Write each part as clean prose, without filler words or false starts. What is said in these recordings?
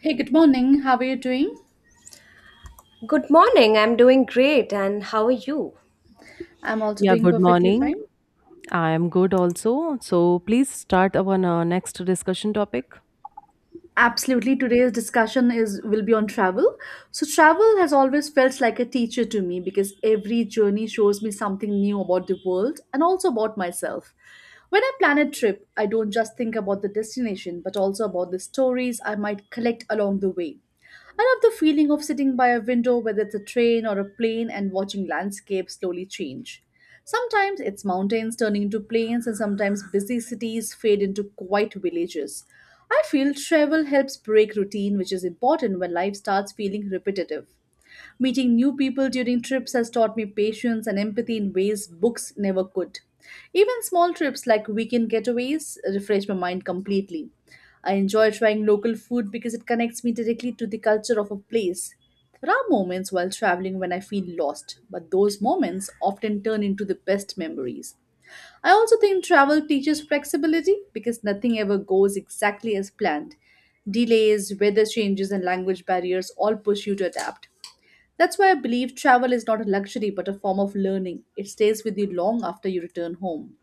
Hey, good morning. How are you doing? Good morning. I'm doing great. And how are you? I'm also Yeah, doing good perfectly morning. fine. I am good also. So please start our next discussion topic. Absolutely. Today's discussion is will be on travel. So travel has always felt like a teacher to me because every journey shows me something new about the world and also about myself. When I plan a trip, I don't just think about the destination, but also about the stories I might collect along the way. I love the feeling of sitting by a window, whether it's a train or a plane, and watching landscapes slowly change. Sometimes it's mountains turning into plains, and sometimes busy cities fade into quiet villages. I feel travel helps break routine, which is important when life starts feeling repetitive. Meeting new people during trips has taught me patience and empathy in ways books never could. Even small trips like weekend getaways refresh my mind completely. I enjoy trying local food because it connects me directly to the culture of a place. There are moments while traveling when I feel lost, but those moments often turn into the best memories. I also think travel teaches flexibility because nothing ever goes exactly as planned. Delays, weather changes, and language barriers all push you to adapt. That's why I believe travel is not a luxury but a form of learning. It stays with you long after you return home.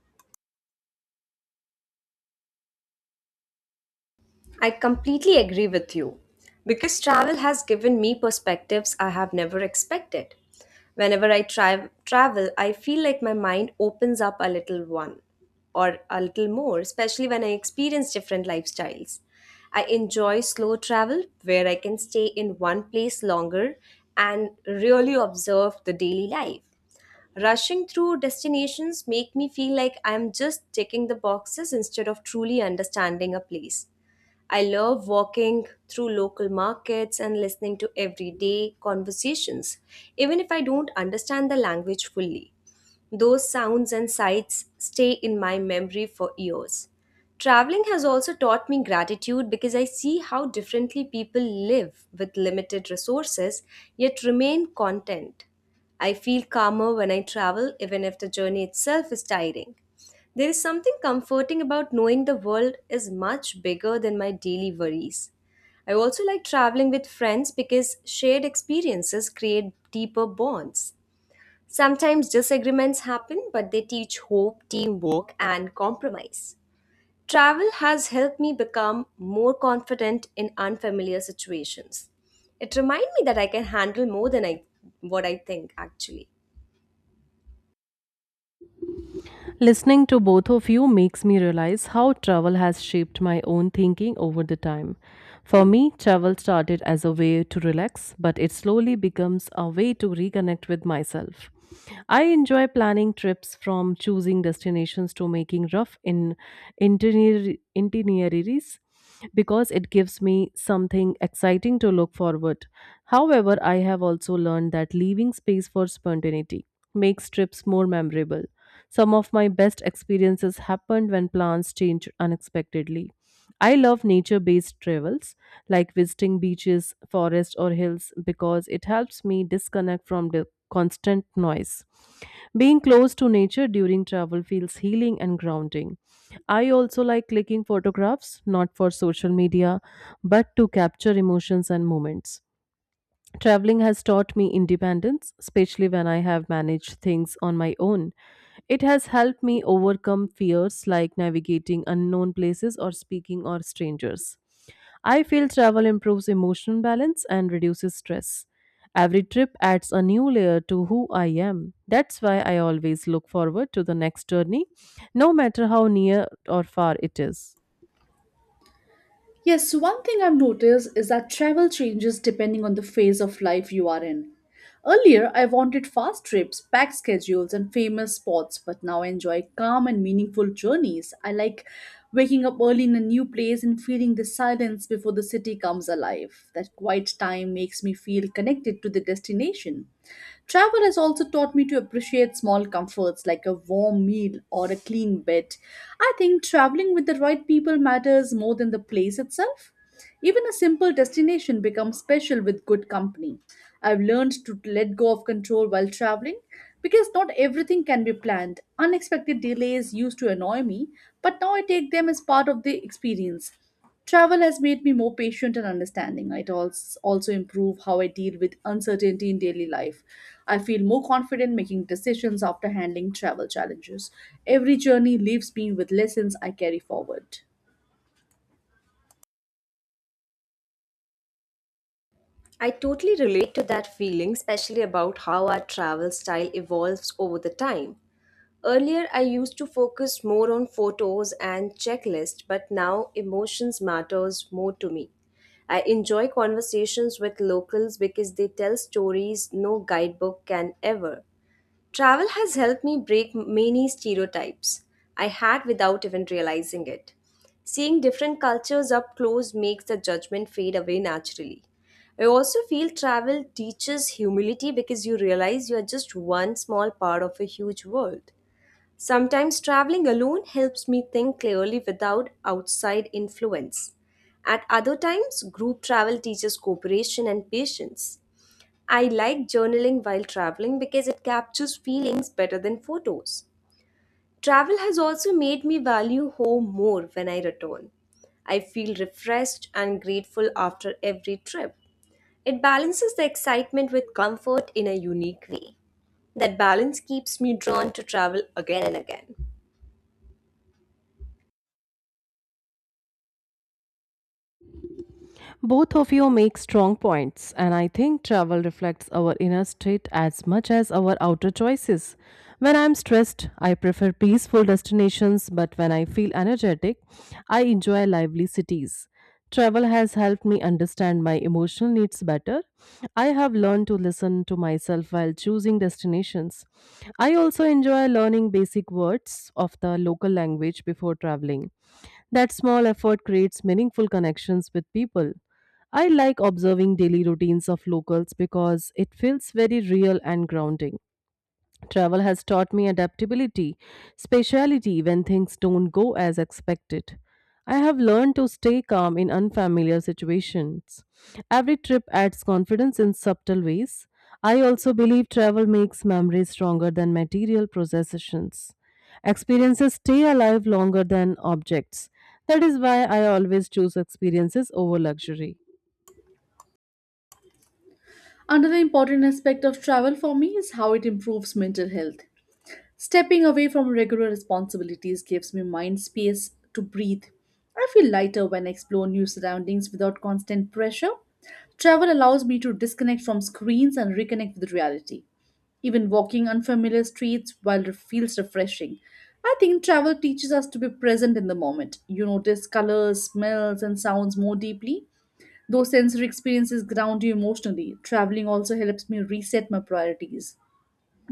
I completely agree with you because travel has given me perspectives I have never expected. Whenever I travel, I feel like my mind opens up a little one or a little more, especially when I experience different lifestyles. I enjoy slow travel where I can stay in one place longer and really observe the daily life. Rushing through destinations make me feel like I'm just ticking the boxes instead of truly understanding a place. I love walking through local markets and listening to everyday conversations, even if I don't understand the language fully. Those sounds and sights stay in my memory for years. Traveling has also taught me gratitude because I see how differently people live with limited resources yet remain content. I feel calmer when I travel, even if the journey itself is tiring. There is something comforting about knowing the world is much bigger than my daily worries. I also like traveling with friends because shared experiences create deeper bonds. Sometimes disagreements happen, but they teach hope, teamwork, and compromise. Travel has helped me become more confident in unfamiliar situations. It reminds me that I can handle more than I what I think actually. Listening to both of you makes me realize how travel has shaped my own thinking over the time. For me, travel started as a way to relax, but it slowly becomes a way to reconnect with myself. I enjoy planning trips from choosing destinations to making rough itinerary- itineraries because it gives me something exciting to look forward. However, I have also learned that leaving space for spontaneity makes trips more memorable. Some of my best experiences happened when plans changed unexpectedly. I love nature based travels like visiting beaches, forests, or hills because it helps me disconnect from the constant noise. Being close to nature during travel feels healing and grounding. I also like clicking photographs, not for social media, but to capture emotions and moments. Traveling has taught me independence, especially when I have managed things on my own. It has helped me overcome fears like navigating unknown places or speaking or strangers. I feel travel improves emotional balance and reduces stress. Every trip adds a new layer to who I am. That's why I always look forward to the next journey, no matter how near or far it is. Yes, one thing I've noticed is that travel changes depending on the phase of life you are in. Earlier, I wanted fast trips, packed schedules, and famous spots, but now I enjoy calm and meaningful journeys. I like waking up early in a new place and feeling the silence before the city comes alive. That quiet time makes me feel connected to the destination. Travel has also taught me to appreciate small comforts like a warm meal or a clean bed. I think traveling with the right people matters more than the place itself. Even a simple destination becomes special with good company. I've learned to let go of control while traveling because not everything can be planned. Unexpected delays used to annoy me, but now I take them as part of the experience. Travel has made me more patient and understanding. It also improve how I deal with uncertainty in daily life. I feel more confident making decisions after handling travel challenges. Every journey leaves me with lessons I carry forward. I totally relate to that feeling, especially about how our travel style evolves over the time. Earlier, I used to focus more on photos and checklists, but now emotions matters more to me. I enjoy conversations with locals because they tell stories no guidebook can ever. Travel has helped me break many stereotypes I had without even realizing it. Seeing different cultures up close makes the judgment fade away naturally. I also feel travel teaches humility because you realize you are just one small part of a huge world. Sometimes traveling alone helps me think clearly without outside influence. At other times, group travel teaches cooperation and patience. I like journaling while traveling because it captures feelings better than photos. Travel has also made me value home more when I return. I feel refreshed and grateful after every trip. It balances the excitement with comfort in a unique way. That balance keeps me drawn to travel again and again. Both of you make strong points, and I think travel reflects our inner state as much as our outer choices. When I'm stressed, I prefer peaceful destinations, but when I feel energetic, I enjoy lively cities. Travel has helped me understand my emotional needs better. I have learned to listen to myself while choosing destinations. I also enjoy learning basic words of the local language before traveling. That small effort creates meaningful connections with people. I like observing daily routines of locals because it feels very real and grounding. Travel has taught me adaptability, speciality when things don't go as expected. I have learned to stay calm in unfamiliar situations. Every trip adds confidence in subtle ways. I also believe travel makes memories stronger than material possessions. Experiences stay alive longer than objects. That is why I always choose experiences over luxury. Another important aspect of travel for me is how it improves mental health. Stepping away from regular responsibilities gives me mind space to breathe. I feel lighter when I explore new surroundings without constant pressure. Travel allows me to disconnect from screens and reconnect with reality. Even walking unfamiliar streets while it feels refreshing. I think travel teaches us to be present in the moment. You notice colors, smells, and sounds more deeply. Those sensory experiences ground you emotionally. Traveling also helps me reset my priorities.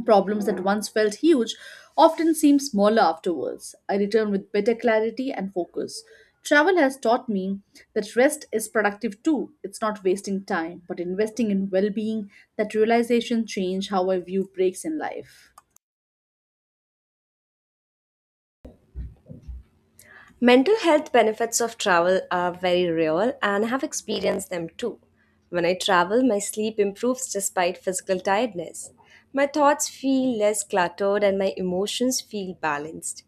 Problems that once felt huge often seem smaller afterwards. I return with better clarity and focus. Travel has taught me that rest is productive too. It's not wasting time, but investing in well being. That realization changed how I view breaks in life. Mental health benefits of travel are very real and I have experienced them too. When I travel, my sleep improves despite physical tiredness. My thoughts feel less cluttered and my emotions feel balanced.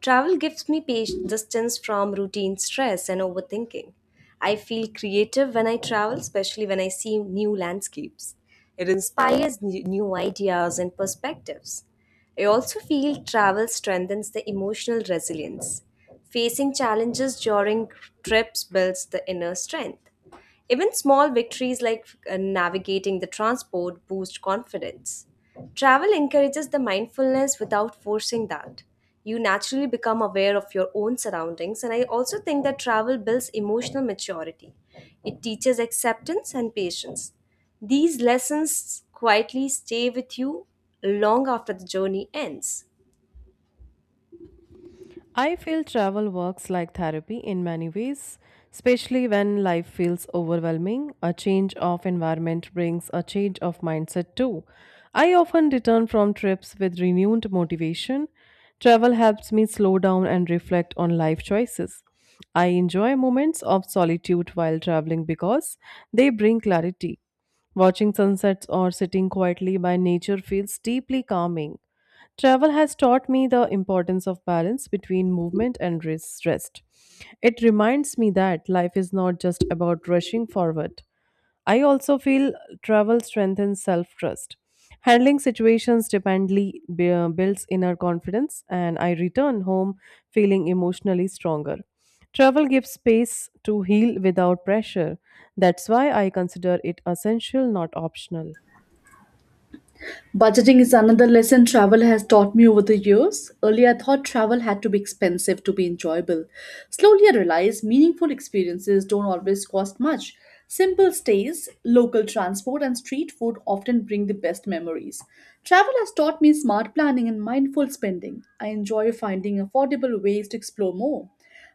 Travel gives me distance from routine stress and overthinking. I feel creative when I travel, especially when I see new landscapes. It inspires new ideas and perspectives. I also feel travel strengthens the emotional resilience. Facing challenges during trips builds the inner strength. Even small victories like navigating the transport boost confidence. Travel encourages the mindfulness without forcing that. You naturally become aware of your own surroundings, and I also think that travel builds emotional maturity. It teaches acceptance and patience. These lessons quietly stay with you long after the journey ends. I feel travel works like therapy in many ways, especially when life feels overwhelming. A change of environment brings a change of mindset too. I often return from trips with renewed motivation. Travel helps me slow down and reflect on life choices. I enjoy moments of solitude while traveling because they bring clarity. Watching sunsets or sitting quietly by nature feels deeply calming. Travel has taught me the importance of balance between movement and rest. It reminds me that life is not just about rushing forward. I also feel travel strengthens self trust. Handling situations dependently builds inner confidence, and I return home feeling emotionally stronger. Travel gives space to heal without pressure. That's why I consider it essential, not optional. Budgeting is another lesson travel has taught me over the years. Earlier, I thought travel had to be expensive to be enjoyable. Slowly, I realized meaningful experiences don't always cost much. Simple stays, local transport, and street food often bring the best memories. Travel has taught me smart planning and mindful spending. I enjoy finding affordable ways to explore more.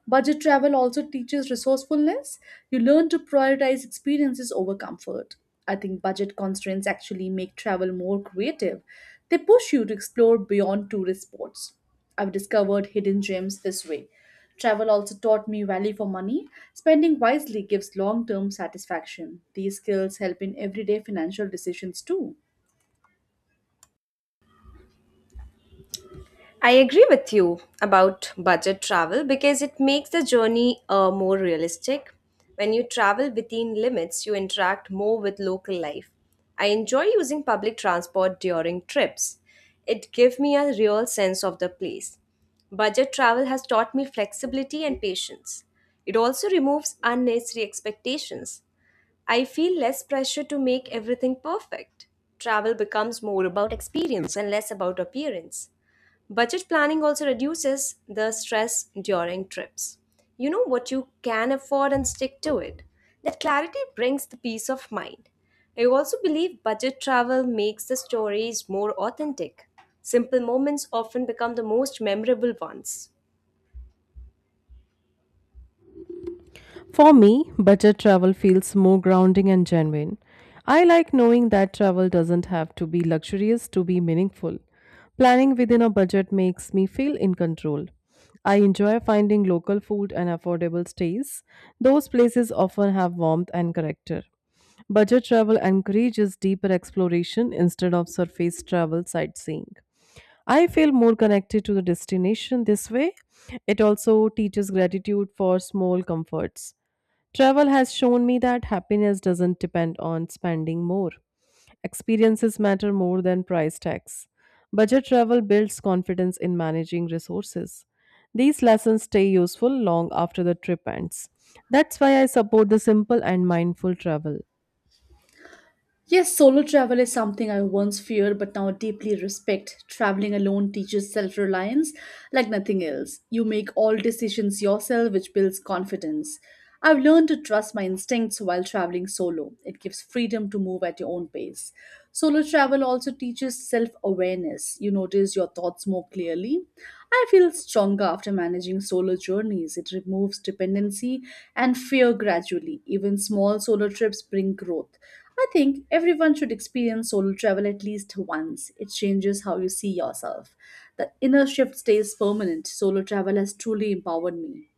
Budget travel also teaches resourcefulness. You learn to prioritize experiences over comfort. I think budget constraints actually make travel more creative. They push you to explore beyond tourist spots. I've discovered hidden gems this way. Travel also taught me value for money. Spending wisely gives long term satisfaction. These skills help in everyday financial decisions too. I agree with you about budget travel because it makes the journey more realistic. When you travel within limits, you interact more with local life. I enjoy using public transport during trips. It gives me a real sense of the place. Budget travel has taught me flexibility and patience. It also removes unnecessary expectations. I feel less pressure to make everything perfect. Travel becomes more about experience and less about appearance. Budget planning also reduces the stress during trips. You know what you can afford and stick to it. That clarity brings the peace of mind. I also believe budget travel makes the stories more authentic. Simple moments often become the most memorable ones. For me, budget travel feels more grounding and genuine. I like knowing that travel doesn't have to be luxurious to be meaningful. Planning within a budget makes me feel in control. I enjoy finding local food and affordable stays. Those places often have warmth and character. Budget travel encourages deeper exploration instead of surface travel sightseeing. I feel more connected to the destination this way. It also teaches gratitude for small comforts. Travel has shown me that happiness doesn't depend on spending more. Experiences matter more than price tags. Budget travel builds confidence in managing resources. These lessons stay useful long after the trip ends. That's why I support the simple and mindful travel. Yes, solo travel is something I once feared but now deeply respect. Traveling alone teaches self reliance like nothing else. You make all decisions yourself, which builds confidence. I've learned to trust my instincts while traveling solo. It gives freedom to move at your own pace. Solo travel also teaches self awareness. You notice your thoughts more clearly. I feel stronger after managing solo journeys. It removes dependency and fear gradually. Even small solo trips bring growth. I think everyone should experience solo travel at least once. It changes how you see yourself. The inner shift stays permanent. Solo travel has truly empowered me.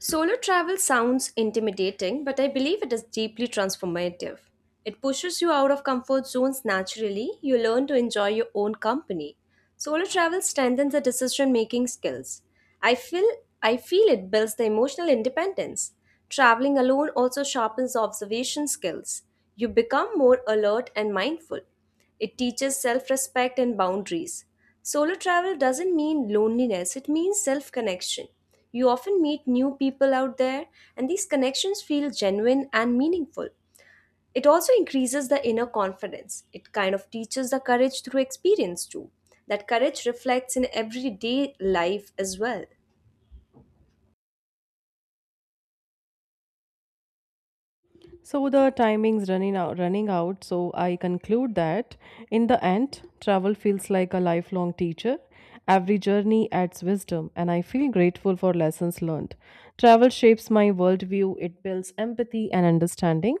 Solo travel sounds intimidating, but I believe it is deeply transformative. It pushes you out of comfort zones naturally, you learn to enjoy your own company. Solo travel strengthens the decision-making skills. I feel I feel it builds the emotional independence. Traveling alone also sharpens observation skills. You become more alert and mindful. It teaches self respect and boundaries. Solo travel doesn't mean loneliness, it means self connection. You often meet new people out there, and these connections feel genuine and meaningful. It also increases the inner confidence. It kind of teaches the courage through experience, too. That courage reflects in everyday life as well. So the timing's running out. So I conclude that in the end, travel feels like a lifelong teacher. Every journey adds wisdom, and I feel grateful for lessons learned. Travel shapes my worldview, it builds empathy and understanding.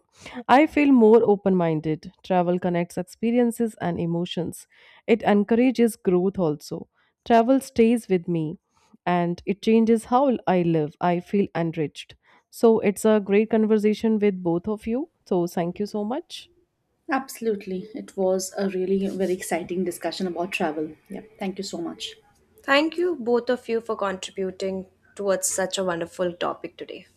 I feel more open minded. Travel connects experiences and emotions, it encourages growth also. Travel stays with me and it changes how I live. I feel enriched. So it's a great conversation with both of you. So thank you so much. Absolutely. It was a really very exciting discussion about travel. Yeah. Thank you so much. Thank you, both of you, for contributing towards such a wonderful topic today.